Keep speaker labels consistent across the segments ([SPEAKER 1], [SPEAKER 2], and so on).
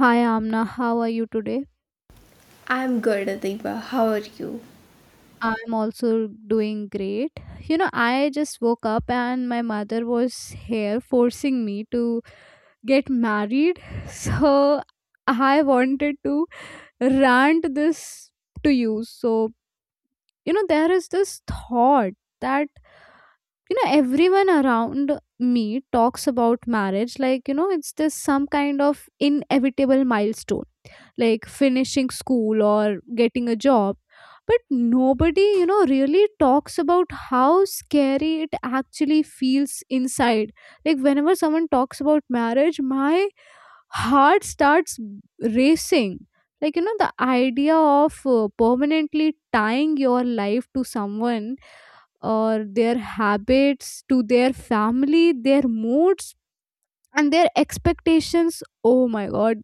[SPEAKER 1] Hi Amna, how are you today?
[SPEAKER 2] I'm good, Adiba. How are you?
[SPEAKER 1] I'm also doing great. You know, I just woke up and my mother was here forcing me to get married. So I wanted to rant this to you. You know, there is this thought that, you know, everyone around me talks about marriage like, you know, it's this some kind of inevitable milestone like finishing school or getting a job, but nobody, you know, really talks about how scary it actually feels inside. Like whenever someone talks about marriage, my heart starts racing. Like, you know, the idea of permanently tying your life to someone, or their habits, to their family, their moods, and their expectations. Oh my god,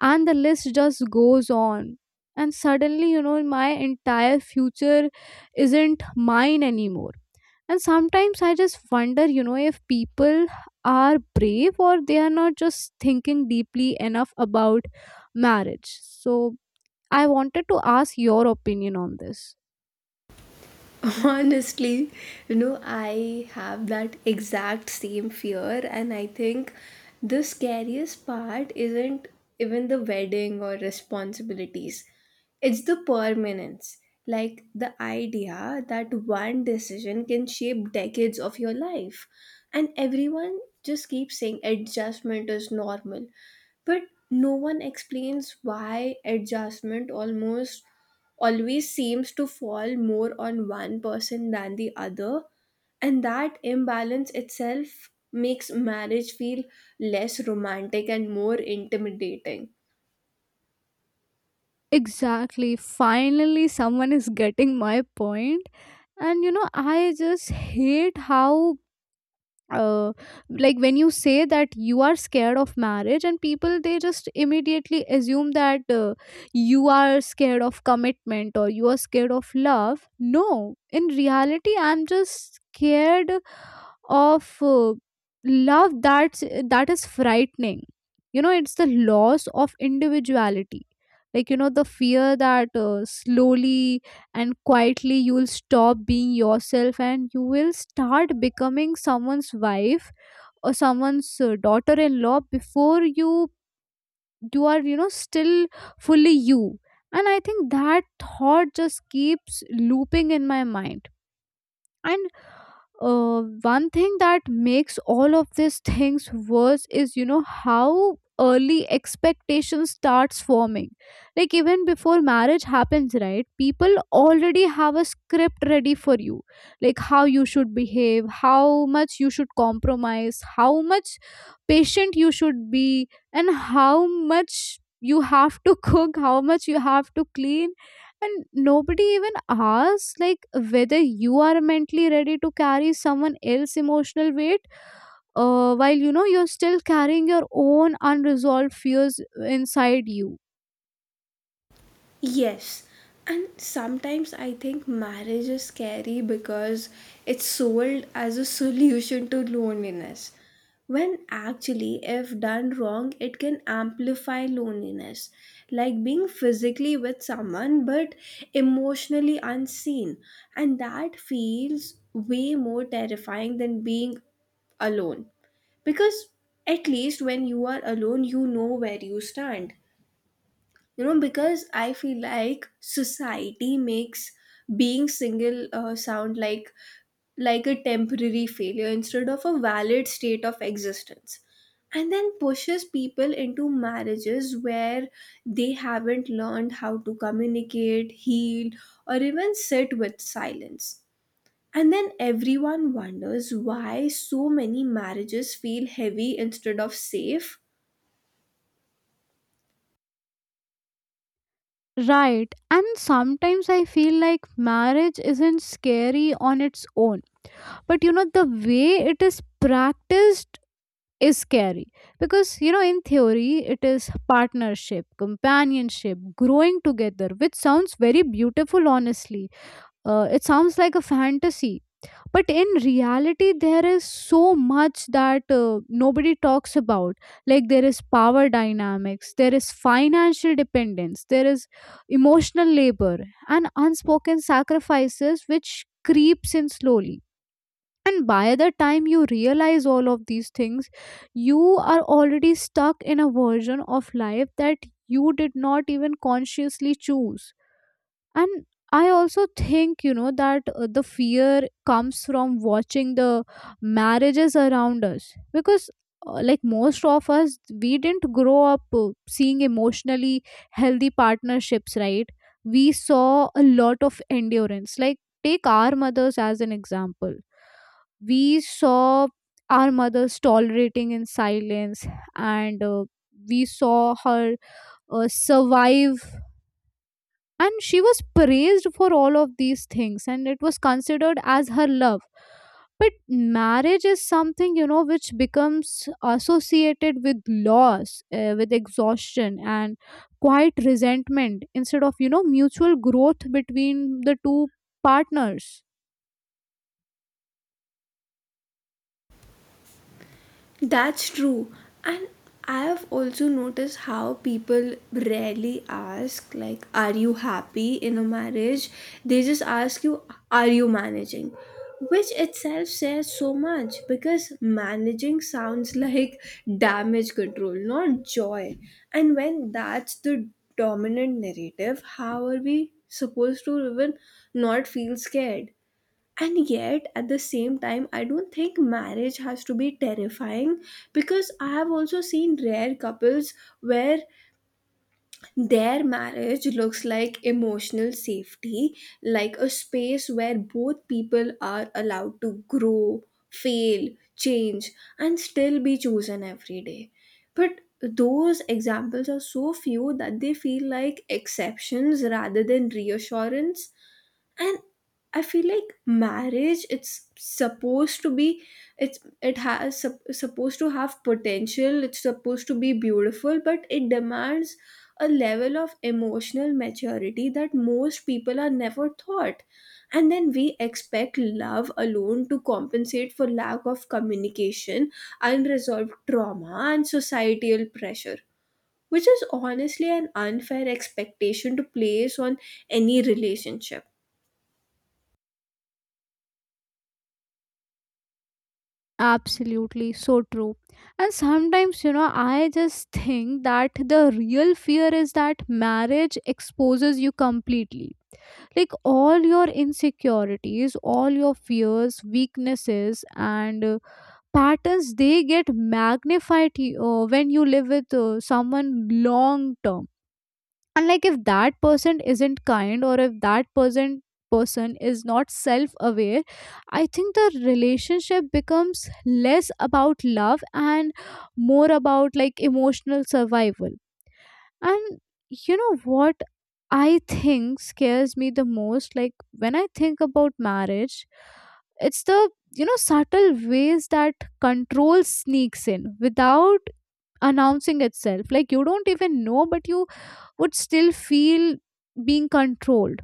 [SPEAKER 1] and the list just goes on. And suddenly, you know, my entire future isn't mine anymore. And sometimes I just wonder, you know, if people are brave or they are not just thinking deeply enough about marriage. So I wanted to ask your opinion on this.
[SPEAKER 2] Honestly, you know, I have that exact same fear, and I think the scariest part isn't even the wedding or responsibilities, it's the permanence. Like the idea that one decision can shape decades of your life. And everyone just keeps saying adjustment is normal. But no one explains why adjustment almost always seems to fall more on one person than the other, and that imbalance itself makes marriage feel less romantic and more intimidating.
[SPEAKER 1] Exactly, finally someone is getting my point. And you know, I just hate how uh, like when you say that you are scared of marriage and people, they just immediately assume that you are scared of commitment or you are scared of love. No, in reality I'm just scared of love. That's that is frightening. You know, it's the loss of individuality. Like, you know, the fear that slowly and quietly you'll stop being yourself and you will start becoming someone's wife or someone's daughter-in-law before you are, you know, still fully you. And I think that thought just keeps looping in my mind. And one thing that makes all of these things worse is, you know, how early expectation starts forming. Like even before marriage happens, right, people already have a script ready for you. Like how you should behave, how much you should compromise, how much patient you should be, and how much you have to cook, how much you have to clean. And nobody even asks like whether you are mentally ready to carry someone else's emotional weight, while, you know, you're still carrying your own unresolved fears inside you.
[SPEAKER 2] Yes, and sometimes I think marriage is scary because it's sold as a solution to loneliness. When actually, if done wrong, it can amplify loneliness, like being physically with someone but emotionally unseen. And that feels way more terrifying than being alone. Because at least when you are alone, you know where you stand. You know, because I feel like society makes being single sound like a temporary failure instead of a valid state of existence, and then pushes people into marriages where they haven't learned how to communicate, heal, or even sit with silence. And then everyone wonders why so many marriages feel heavy instead of safe.
[SPEAKER 1] Right, and sometimes I feel like marriage isn't scary on its own, but, you know, the way it is practiced is scary, because, you know, in theory it is partnership, companionship, growing together, which sounds very beautiful honestly. It sounds like a fantasy, but in reality, there is so much that nobody talks about. Like, there is power dynamics, there is financial dependence, there is emotional labor, and unspoken sacrifices which creeps in slowly. And by the time you realize all of these things, you are already stuck in a version of life that you did not even consciously choose. And I also think, you know, that the fear comes from watching the marriages around us, because like most of us, we didn't grow up seeing emotionally healthy partnerships, right? We saw a lot of endurance. Like take our mothers as an example, we saw our mothers tolerating in silence, and we saw her survive, and she was praised for all of these things and it was considered as her love. But marriage is something, you know, which becomes associated with loss, with exhaustion and quiet resentment instead of, you know, mutual growth between the two partners.
[SPEAKER 2] That's true. And I have also noticed how people rarely ask, like, are you happy in a marriage? They just ask you, are you managing? Which itself says so much, because managing sounds like damage control, not joy. And when that's the dominant narrative, how are we supposed to even not feel scared? And yet at the same time, I don't think marriage has to be terrifying, because I have also seen rare couples where their marriage looks like emotional safety, like a space where both people are allowed to grow, fail, change, and still be chosen every day. But those examples are so few that they feel like exceptions rather than reassurance. And I feel like marriage it's supposed to be, it has supposed to have potential, it's supposed to be beautiful, but it demands a level of emotional maturity that most people are never taught. And then we expect love alone to compensate for lack of communication, unresolved trauma, and societal pressure, which is honestly an unfair expectation to place on any relationship.
[SPEAKER 1] Absolutely, so true. And sometimes, you know, I just think that the real fear is that marriage exposes you completely. Like all your insecurities, all your fears, weaknesses, and patterns, they get magnified when you live with someone long term. And like if that person isn't kind, or if that person is not self aware, I think the relationship becomes less about love and more about like emotional survival. And you know what I think scares me the most? Like when I think about marriage, it's the, you know, subtle ways that control sneaks in without announcing itself. Like you don't even know, but you would still feel being controlled.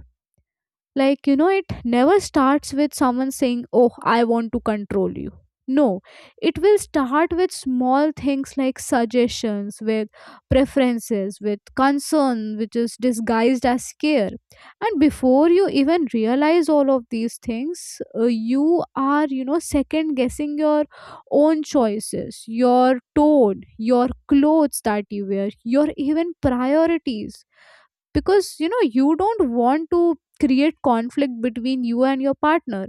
[SPEAKER 1] Like, you know, it never starts with someone saying, oh, I want to control you. No, it will start with small things like suggestions, with preferences, with concern, which is disguised as care. And before you even realize all of these things, you are, you know, second guessing your own choices, your tone, your clothes that you wear, your even priorities, because, you know, you don't want to create conflict between you and your partner.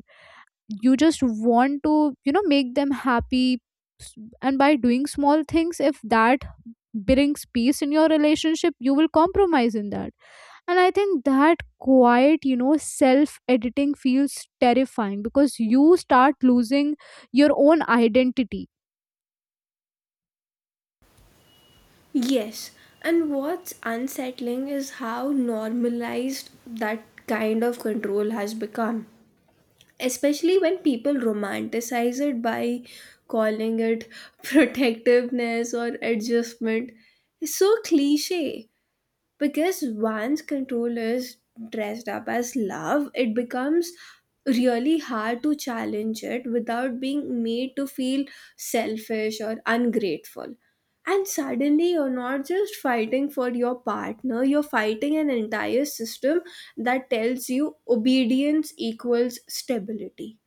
[SPEAKER 1] You just want to, you know, make them happy. S- and by doing small things, if that brings peace in your relationship, you will compromise in that. And I think that quiet, you know, self editing feels terrifying because you start losing your own identity.
[SPEAKER 2] Yes, and what's unsettling is how normalized that kind of control has become, especially when people romanticize it by calling it protectiveness or adjustment. It's so cliche, because once control is dressed up as love, it becomes really hard to challenge it without being made to feel selfish or ungrateful. And suddenly, you're not just fighting for your partner, you're fighting an entire system that tells you obedience equals stability.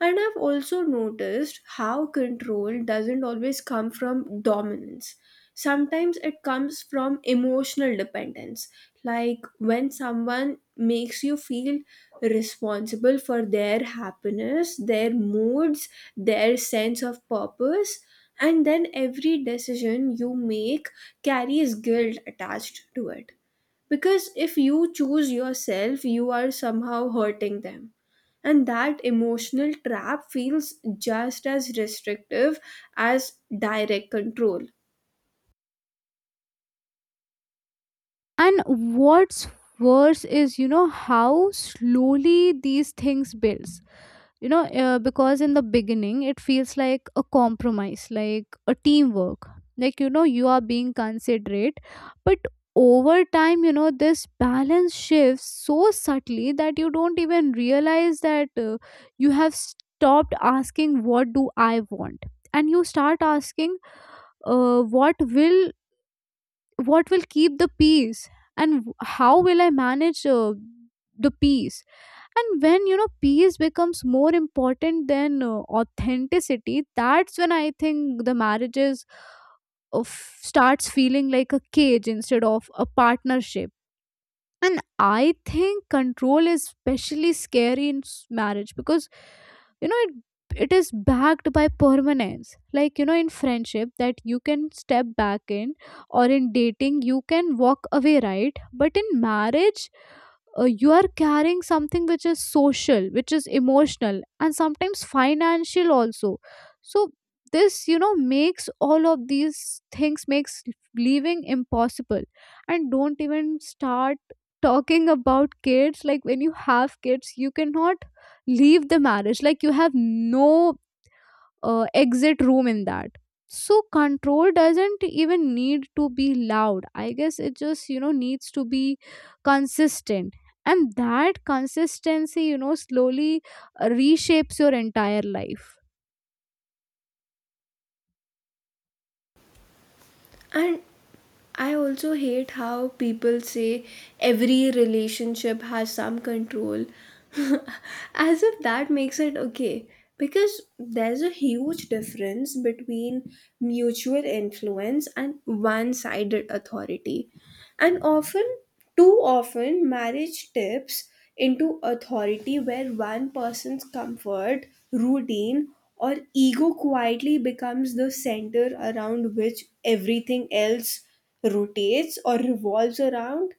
[SPEAKER 2] And I've also noticed how control doesn't always come from dominance. Sometimes it comes from emotional dependence, like when someone makes you feel responsible for their happiness, their moods, their sense of purpose, and then every decision you make carries guilt attached to it. Because if you choose yourself, you are somehow hurting them. And that emotional trap feels just as restrictive as direct control.
[SPEAKER 1] And what's worse is, you know, how slowly these things builds, you know, because in the beginning it feels like a compromise, like a teamwork, like, you know, you are being considerate. But over time, you know, this balance shifts so subtly that you don't even realize that you have stopped asking, what do I want? And you start asking, uh, what will what will keep the peace? And how will I manage the peace? And when, you know, peace becomes more important than authenticity, that's when I think the marriages of starts feeling like a cage instead of a partnership. And I think control is especially scary in marriage because, you know, it is backed by permanence. Like, you know, in friendship that you can step back in, or in dating you can walk away, right? But in marriage, you are carrying something which is social, which is emotional, and sometimes financial also. So this, you know, makes all of these things, makes leaving impossible. And don't even start talking about kids. Like when you have kids, you cannot leave the marriage, like you have no exit room in that. So control doesn't even need to be loud, I guess. It just, you know, needs to be consistent. And that consistency, you know, slowly reshapes your entire life.
[SPEAKER 2] And I also hate how people say every relationship has some control as if that makes it okay. Because there's a huge difference between mutual influence and one sided authority. And often, too often, marriage tips into authority where one person's comfort, routine, or ego quietly becomes the center around which everything else rotates or revolves around.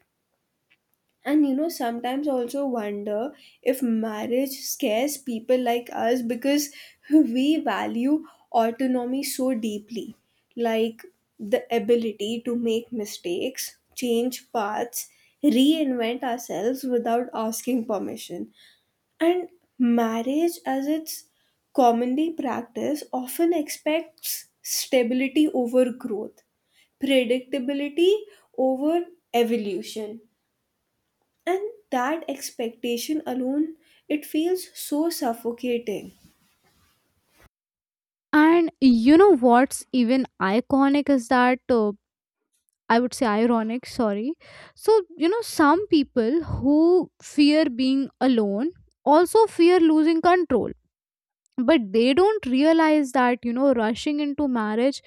[SPEAKER 2] And you know, sometimes I also wonder if marriage scares people like us because we value autonomy so deeply, like the ability to make mistakes, change paths, reinvent ourselves without asking permission. And marriage, as it's commonly practiced, often expects stability over growth, predictability over evolution, and that expectation alone, it feels so suffocating.
[SPEAKER 1] And you know what's even iconic is that I would say ironic, sorry. So, you know, some people who fear being alone also fear losing control, but they don't realize that, you know, rushing into marriage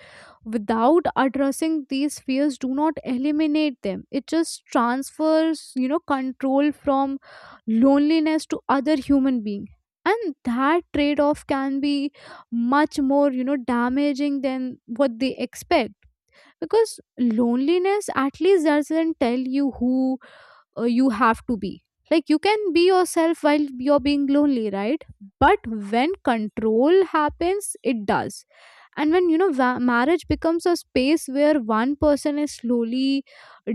[SPEAKER 1] without addressing these fears do not eliminate them. It just transfers, you know, control from loneliness to other human being. And that trade off can be much more, you know, damaging than what they expect. Because loneliness at least doesn't tell you who you have to be. Like you can be yourself while you're being lonely, right? But when control happens, it does. And when, you know, marriage becomes a space where one person is slowly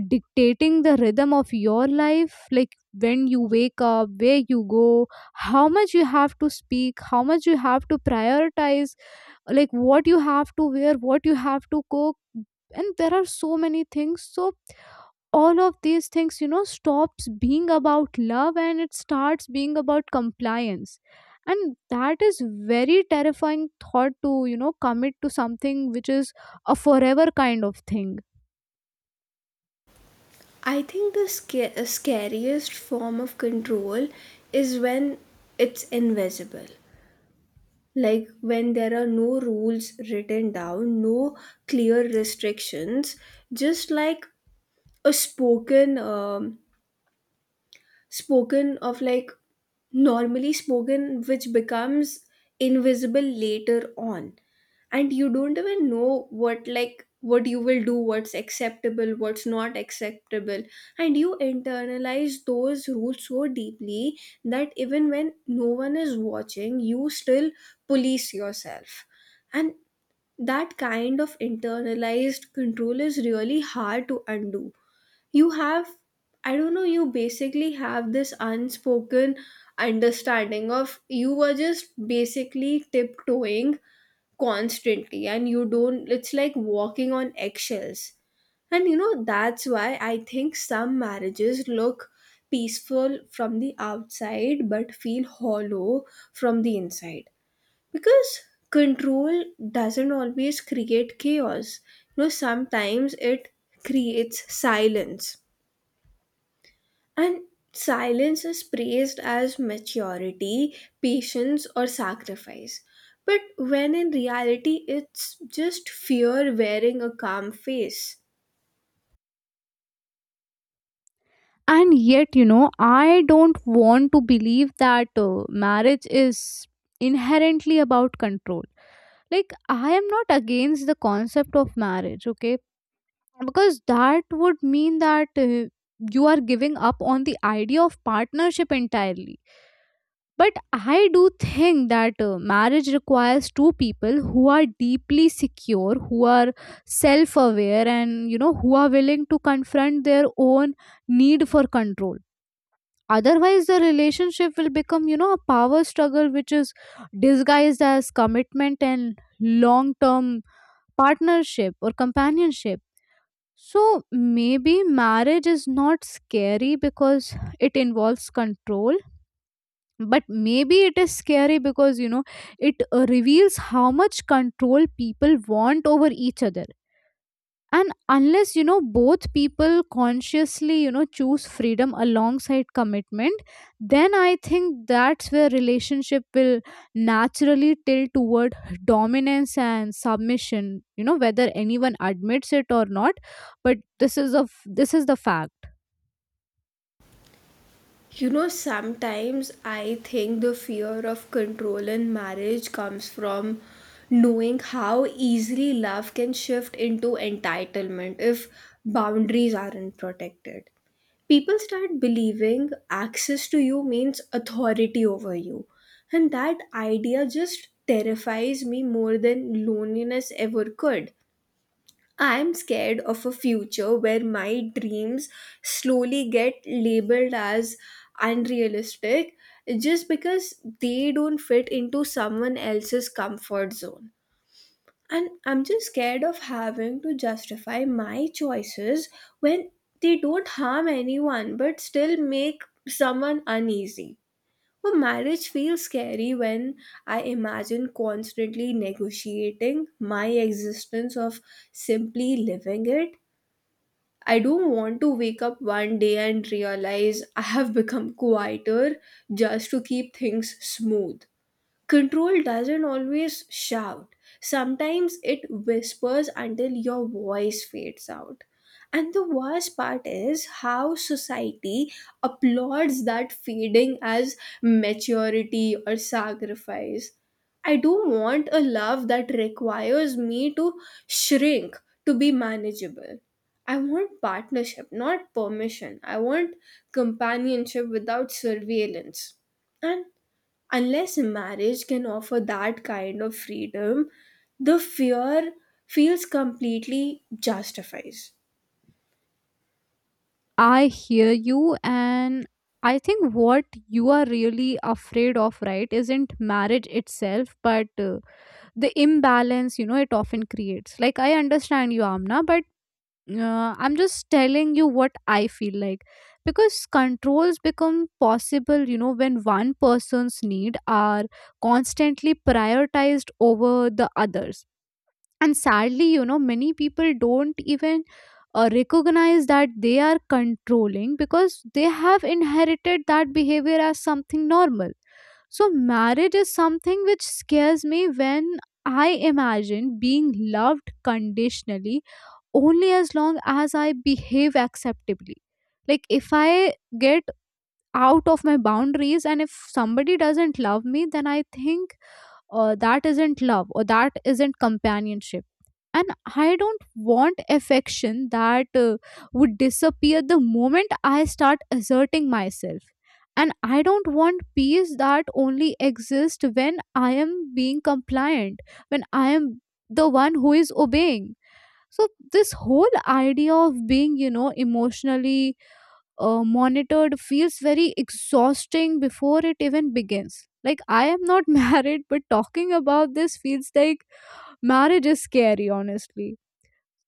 [SPEAKER 1] dictating the rhythm of your life, like when you wake up, where you go, how much you have to speak, how much you have to prioritize, like what you have to wear, what you have to cook, and there are so many things. So all of these things, you know, stops being about love and it starts being about compliance. And that is very terrifying thought to, you know, commit to something which is a forever kind of thing.
[SPEAKER 2] I think the scariest form of control is when it's invisible. Like when there are no rules written down, no clear restrictions, just like a spoken, spoken of, like normally spoken, which becomes invisible later on. And you don't even know what, like what you will do, what's acceptable, what's not acceptable. And you internalize those rules so deeply that even when no one is watching, you still police yourself. And that kind of internalized control is really hard to undo. You have, I don't know, you basically have this unspoken understanding of, you were just basically tiptoeing constantly, and you don't, it's like walking on eggshells. And you know, that's why I think some marriages look peaceful from the outside but feel hollow from the inside. Because control doesn't always create chaos, you know, sometimes it creates silence. And silence is praised as maturity, patience, or sacrifice. But when in reality it's just fear wearing a calm face.
[SPEAKER 1] And yet, you know, I don't want to believe that marriage is inherently about control. Like I am not against the concept of marriage, okay, because that would mean that you are giving up on the idea of partnership entirely. But I do think that marriage requires two people who are deeply secure, who are self aware, and, you know, who are willing to confront their own need for control. Otherwise the relationship will become, you know, a power struggle which is disguised as commitment and long term partnership or companionship. So maybe marriage is not scary because it involves control, but maybe it is scary because, you know, it reveals how much control people want over each other. And unless, you know, both people consciously, you know, choose freedom alongside commitment, then I think that's where relationship will naturally tilt toward dominance and submission, you know, whether anyone admits it or not. But this is the fact.
[SPEAKER 2] You know, sometimes I think the fear of control in marriage comes from knowing how easily love can shift into entitlement if boundaries aren't protected. People start believing access to you means authority over you, and that idea just terrifies me more than loneliness ever could. I am scared of a future where my dreams slowly get labeled as unrealistic just because they don't fit into someone else's comfort zone. And I'm just scared of having to justify my choices when they don't harm anyone but still make someone uneasy. Well, marriage feels scary when I imagine constantly negotiating my existence of simply living it I don't want to wake up one day and realize I have become quieter just to keep things smooth. Control doesn't always shout. Sometimes it whispers until your voice fades out. And the worst part is how society applauds that fading as maturity or sacrifice. I do not want a love that requires me to shrink to be manageable. I want partnership, not permission. I want companionship without surveillance. And Unless marriage can offer that kind of freedom, the fear feels completely justifies.
[SPEAKER 1] I hear you. And I think what you are really afraid of, right, isn't marriage itself, but the imbalance, you know, it often creates. Like, I understand you, Amna, but I'm just telling you what I feel like. Because controls become possible, you know, when one person's need are constantly prioritized over the others. And sadly, you know, many people don't even recognize that they are controlling because they have inherited that behavior as something normal. So marriage is something which scares me when I imagine being loved conditionally, only as long as I behave acceptably. Like if I get out of my boundaries and if somebody doesn't love me, then I think that isn't love or that isn't companionship. And I don't want affection that would disappear the moment I start asserting myself. And I don't want peace that only exists when I am being compliant, when I am the one who is obeying. So this whole idea of being, you know, emotionally monitored feels very exhausting before it even begins. Like, I am not married, but talking about this feels like marriage is scary, honestly.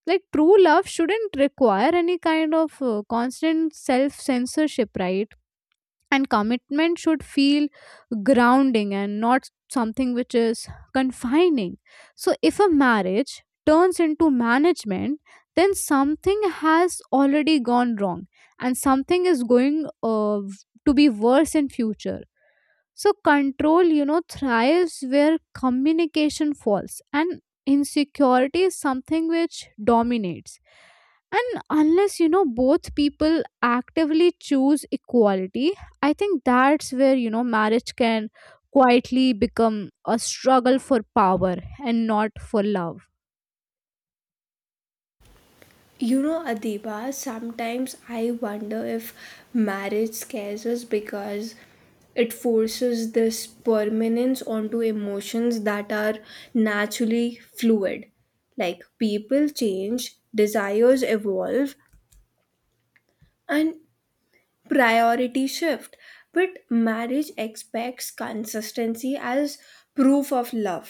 [SPEAKER 1] Like, true love shouldn't require any kind of constant self censorship, right? And commitment should feel grounding and not something which is confining. So if a marriage turns into management, then something has already gone wrong and something is going uh, to be worse in future. So control, you know, thrives where communication falls, and insecurity is something which dominates. And unless, you know, both people actively choose equality, I think that's where, you know, marriage can quietly become a struggle for power and not for love.
[SPEAKER 2] You know, Adiba, sometimes I wonder if marriage scares us because it forces this permanence onto emotions that are naturally fluid. Like people change, desires evolve, and priority shift, but marriage expects consistency as proof of love.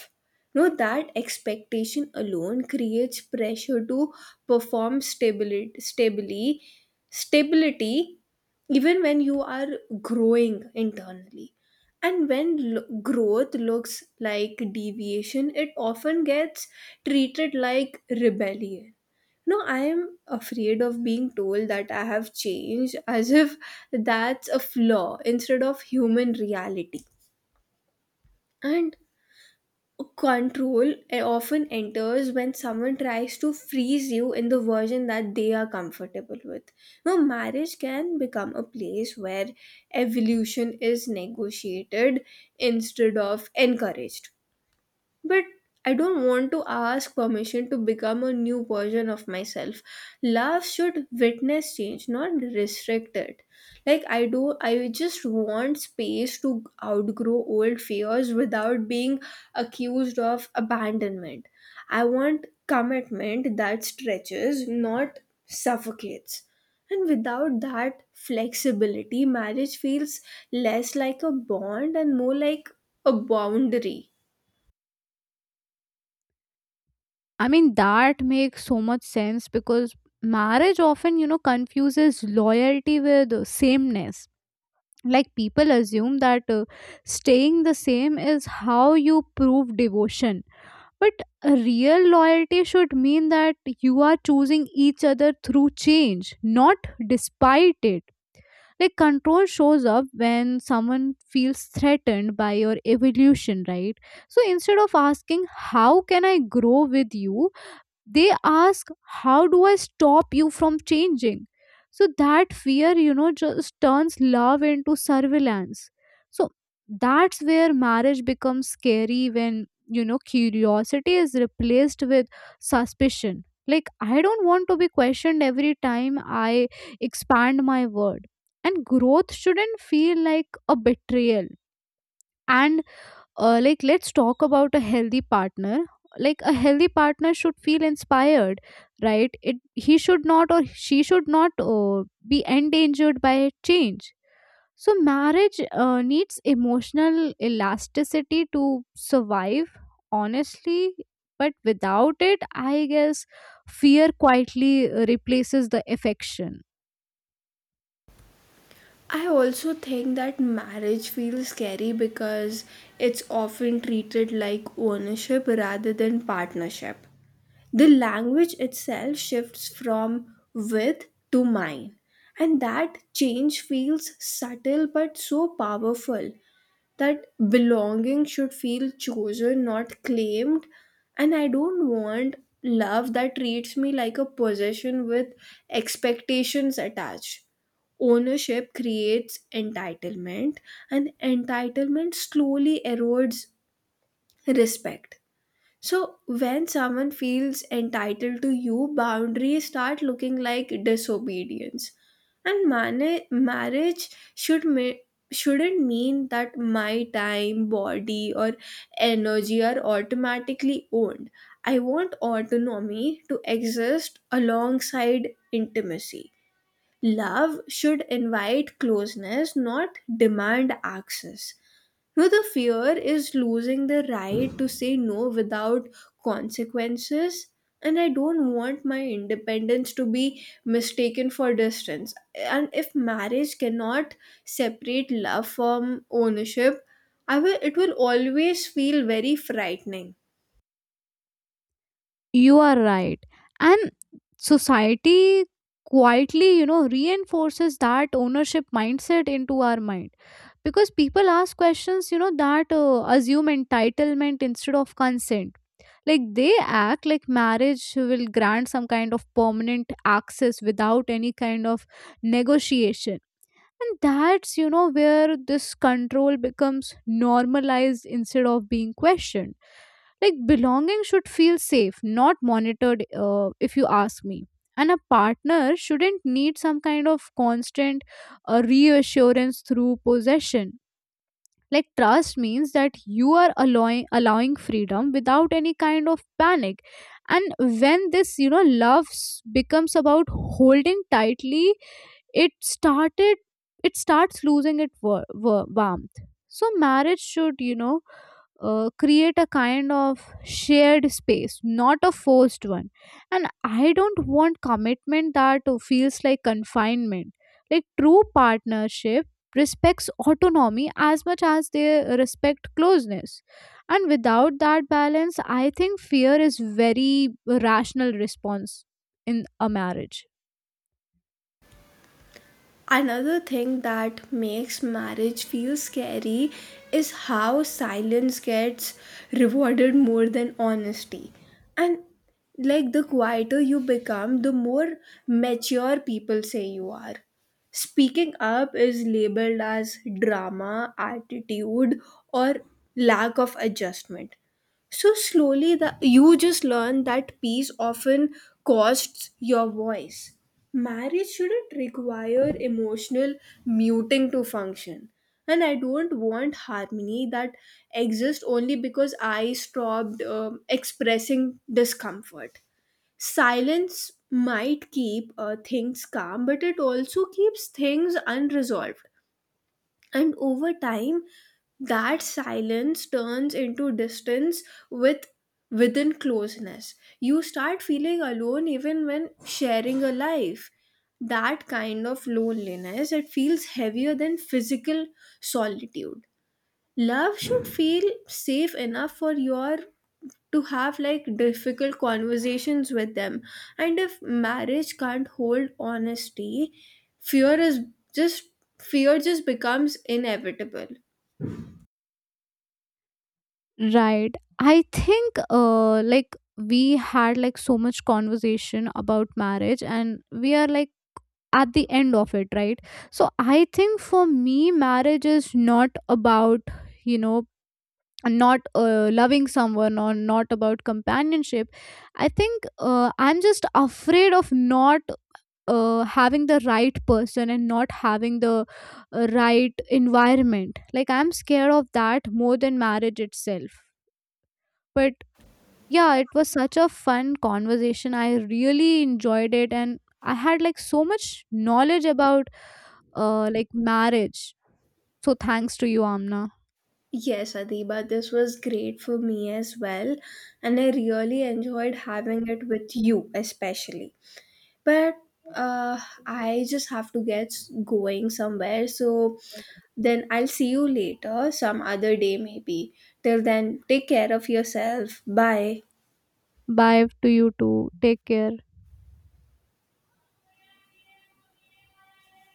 [SPEAKER 2] No, that expectation alone creates pressure to perform stabili- stably stability, even when you are growing internally. And when growth looks like deviation, it often gets treated like rebellion. No, I am afraid of being told that I have changed as if that's a flaw instead of human reality. And control often enters when someone tries to freeze you in the version that they are comfortable with. Now, marriage can become a place where evolution is negotiated instead of encouraged, but I don't want to ask permission to become a new version of myself. Love should witness change, not restrict it. Like I just want space to outgrow old fears without being accused of abandonment. I want commitment that stretches, not suffocates. And without that flexibility, marriage feels less like a bond and more like a boundary.
[SPEAKER 1] I mean, that makes so much sense because marriage often, you know, confuses loyalty with sameness. Like, people assume that staying the same is how you prove devotion, but real loyalty should mean that you are choosing each other through change, not despite it. Like, control shows up when someone feels threatened by your evolution, right? So instead of asking how can I grow with you, they ask how do I stop you from changing. So that fear, you know, just turns love into surveillance. So that's where marriage becomes scary, when, you know, curiosity is replaced with suspicion. Like, I don't want to be questioned every time I expand my word, and growth shouldn't feel like a betrayal. And like, let's talk about a healthy partner. Like, a healthy partner should feel inspired, right? It, he should not, or she should not be endangered by change. So marriage needs emotional elasticity to survive, honestly. But without it, I guess fear quietly replaces the affection.
[SPEAKER 2] I also think that marriage feels scary because it's often treated like ownership rather than partnership. The language itself shifts from with to mine, and that change feels subtle but so powerful, that belonging should feel chosen, not claimed. And I don't want love that treats me like a possession with expectations attached. Ownership creates entitlement, and entitlement slowly erodes respect. So when someone feels entitled to you, boundaries start looking like disobedience. And marriage should ma- shouldn't mean that my time, body, or energy are automatically owned. I want autonomy to exist alongside intimacy. Love should invite closeness, not demand access. No, the fear is losing the right to say no without consequences. And I don't want my independence to be mistaken for distance. And if marriage cannot separate love from ownership, it will always feel very frightening.
[SPEAKER 1] You are right. And society quietly, you know, reinforces that ownership mindset into our mind because people ask questions, you know, that assume entitlement instead of consent. Like, they act like marriage will grant some kind of permanent access without any kind of negotiation. And that's, you know, where this control becomes normalized instead of being questioned. Like, belonging should feel safe, not monitored, if you ask me. And a partner shouldn't need some kind of constant reassurance through possession. Like, trust means that you are allowing freedom without any kind of panic. And when this, you know, becomes about holding tightly, it started it starts losing its warmth. So marriage should, you know, create a kind of shared space, not a forced one. And I don't want commitment that feels like confinement. Like, true partnership respects autonomy as much as they respect closeness. And without that balance, I think fear is very rational response in a marriage.
[SPEAKER 2] Another thing that makes marriage feel scary is how silence gets rewarded more than honesty. And like the quieter you become, the more mature people say you are. Speaking up is labeled as drama, attitude, or lack of adjustment. So slowly, you just learn that peace often costs your voice. Marriage shouldn't require emotional muting to function. And I don't want harmony that exists only because I stopped expressing discomfort. Silence might keep things calm, but it also keeps things unresolved. And over time that silence turns into distance, with within closeness. You start feeling alone even when sharing a life. That kind of loneliness, it feels heavier than physical solitude. Love should feel safe enough for your to have like difficult conversations with them. And if marriage can't hold honesty, fear is just fear just becomes inevitable.
[SPEAKER 1] Right. I think like, we had like so much conversation about marriage, and we are like at the end of it, right? So I think for me, marriage is not about, you know, not loving someone or not about companionship. I think I'm just afraid of not having the right person and not having the right environment. Like, I'm scared of that more than marriage itself. But yeah, it was such a fun conversation, I really enjoyed it, and I had like so much knowledge about like marriage. So thanks to you, Amna.
[SPEAKER 2] Yes, Adiba, this was great for me as well, and I really enjoyed having it with you especially. But uh, I just have to get going somewhere, so then I'll see you later some other day maybe. Till then, take care of yourself. Bye.
[SPEAKER 1] Bye to you too. Take care.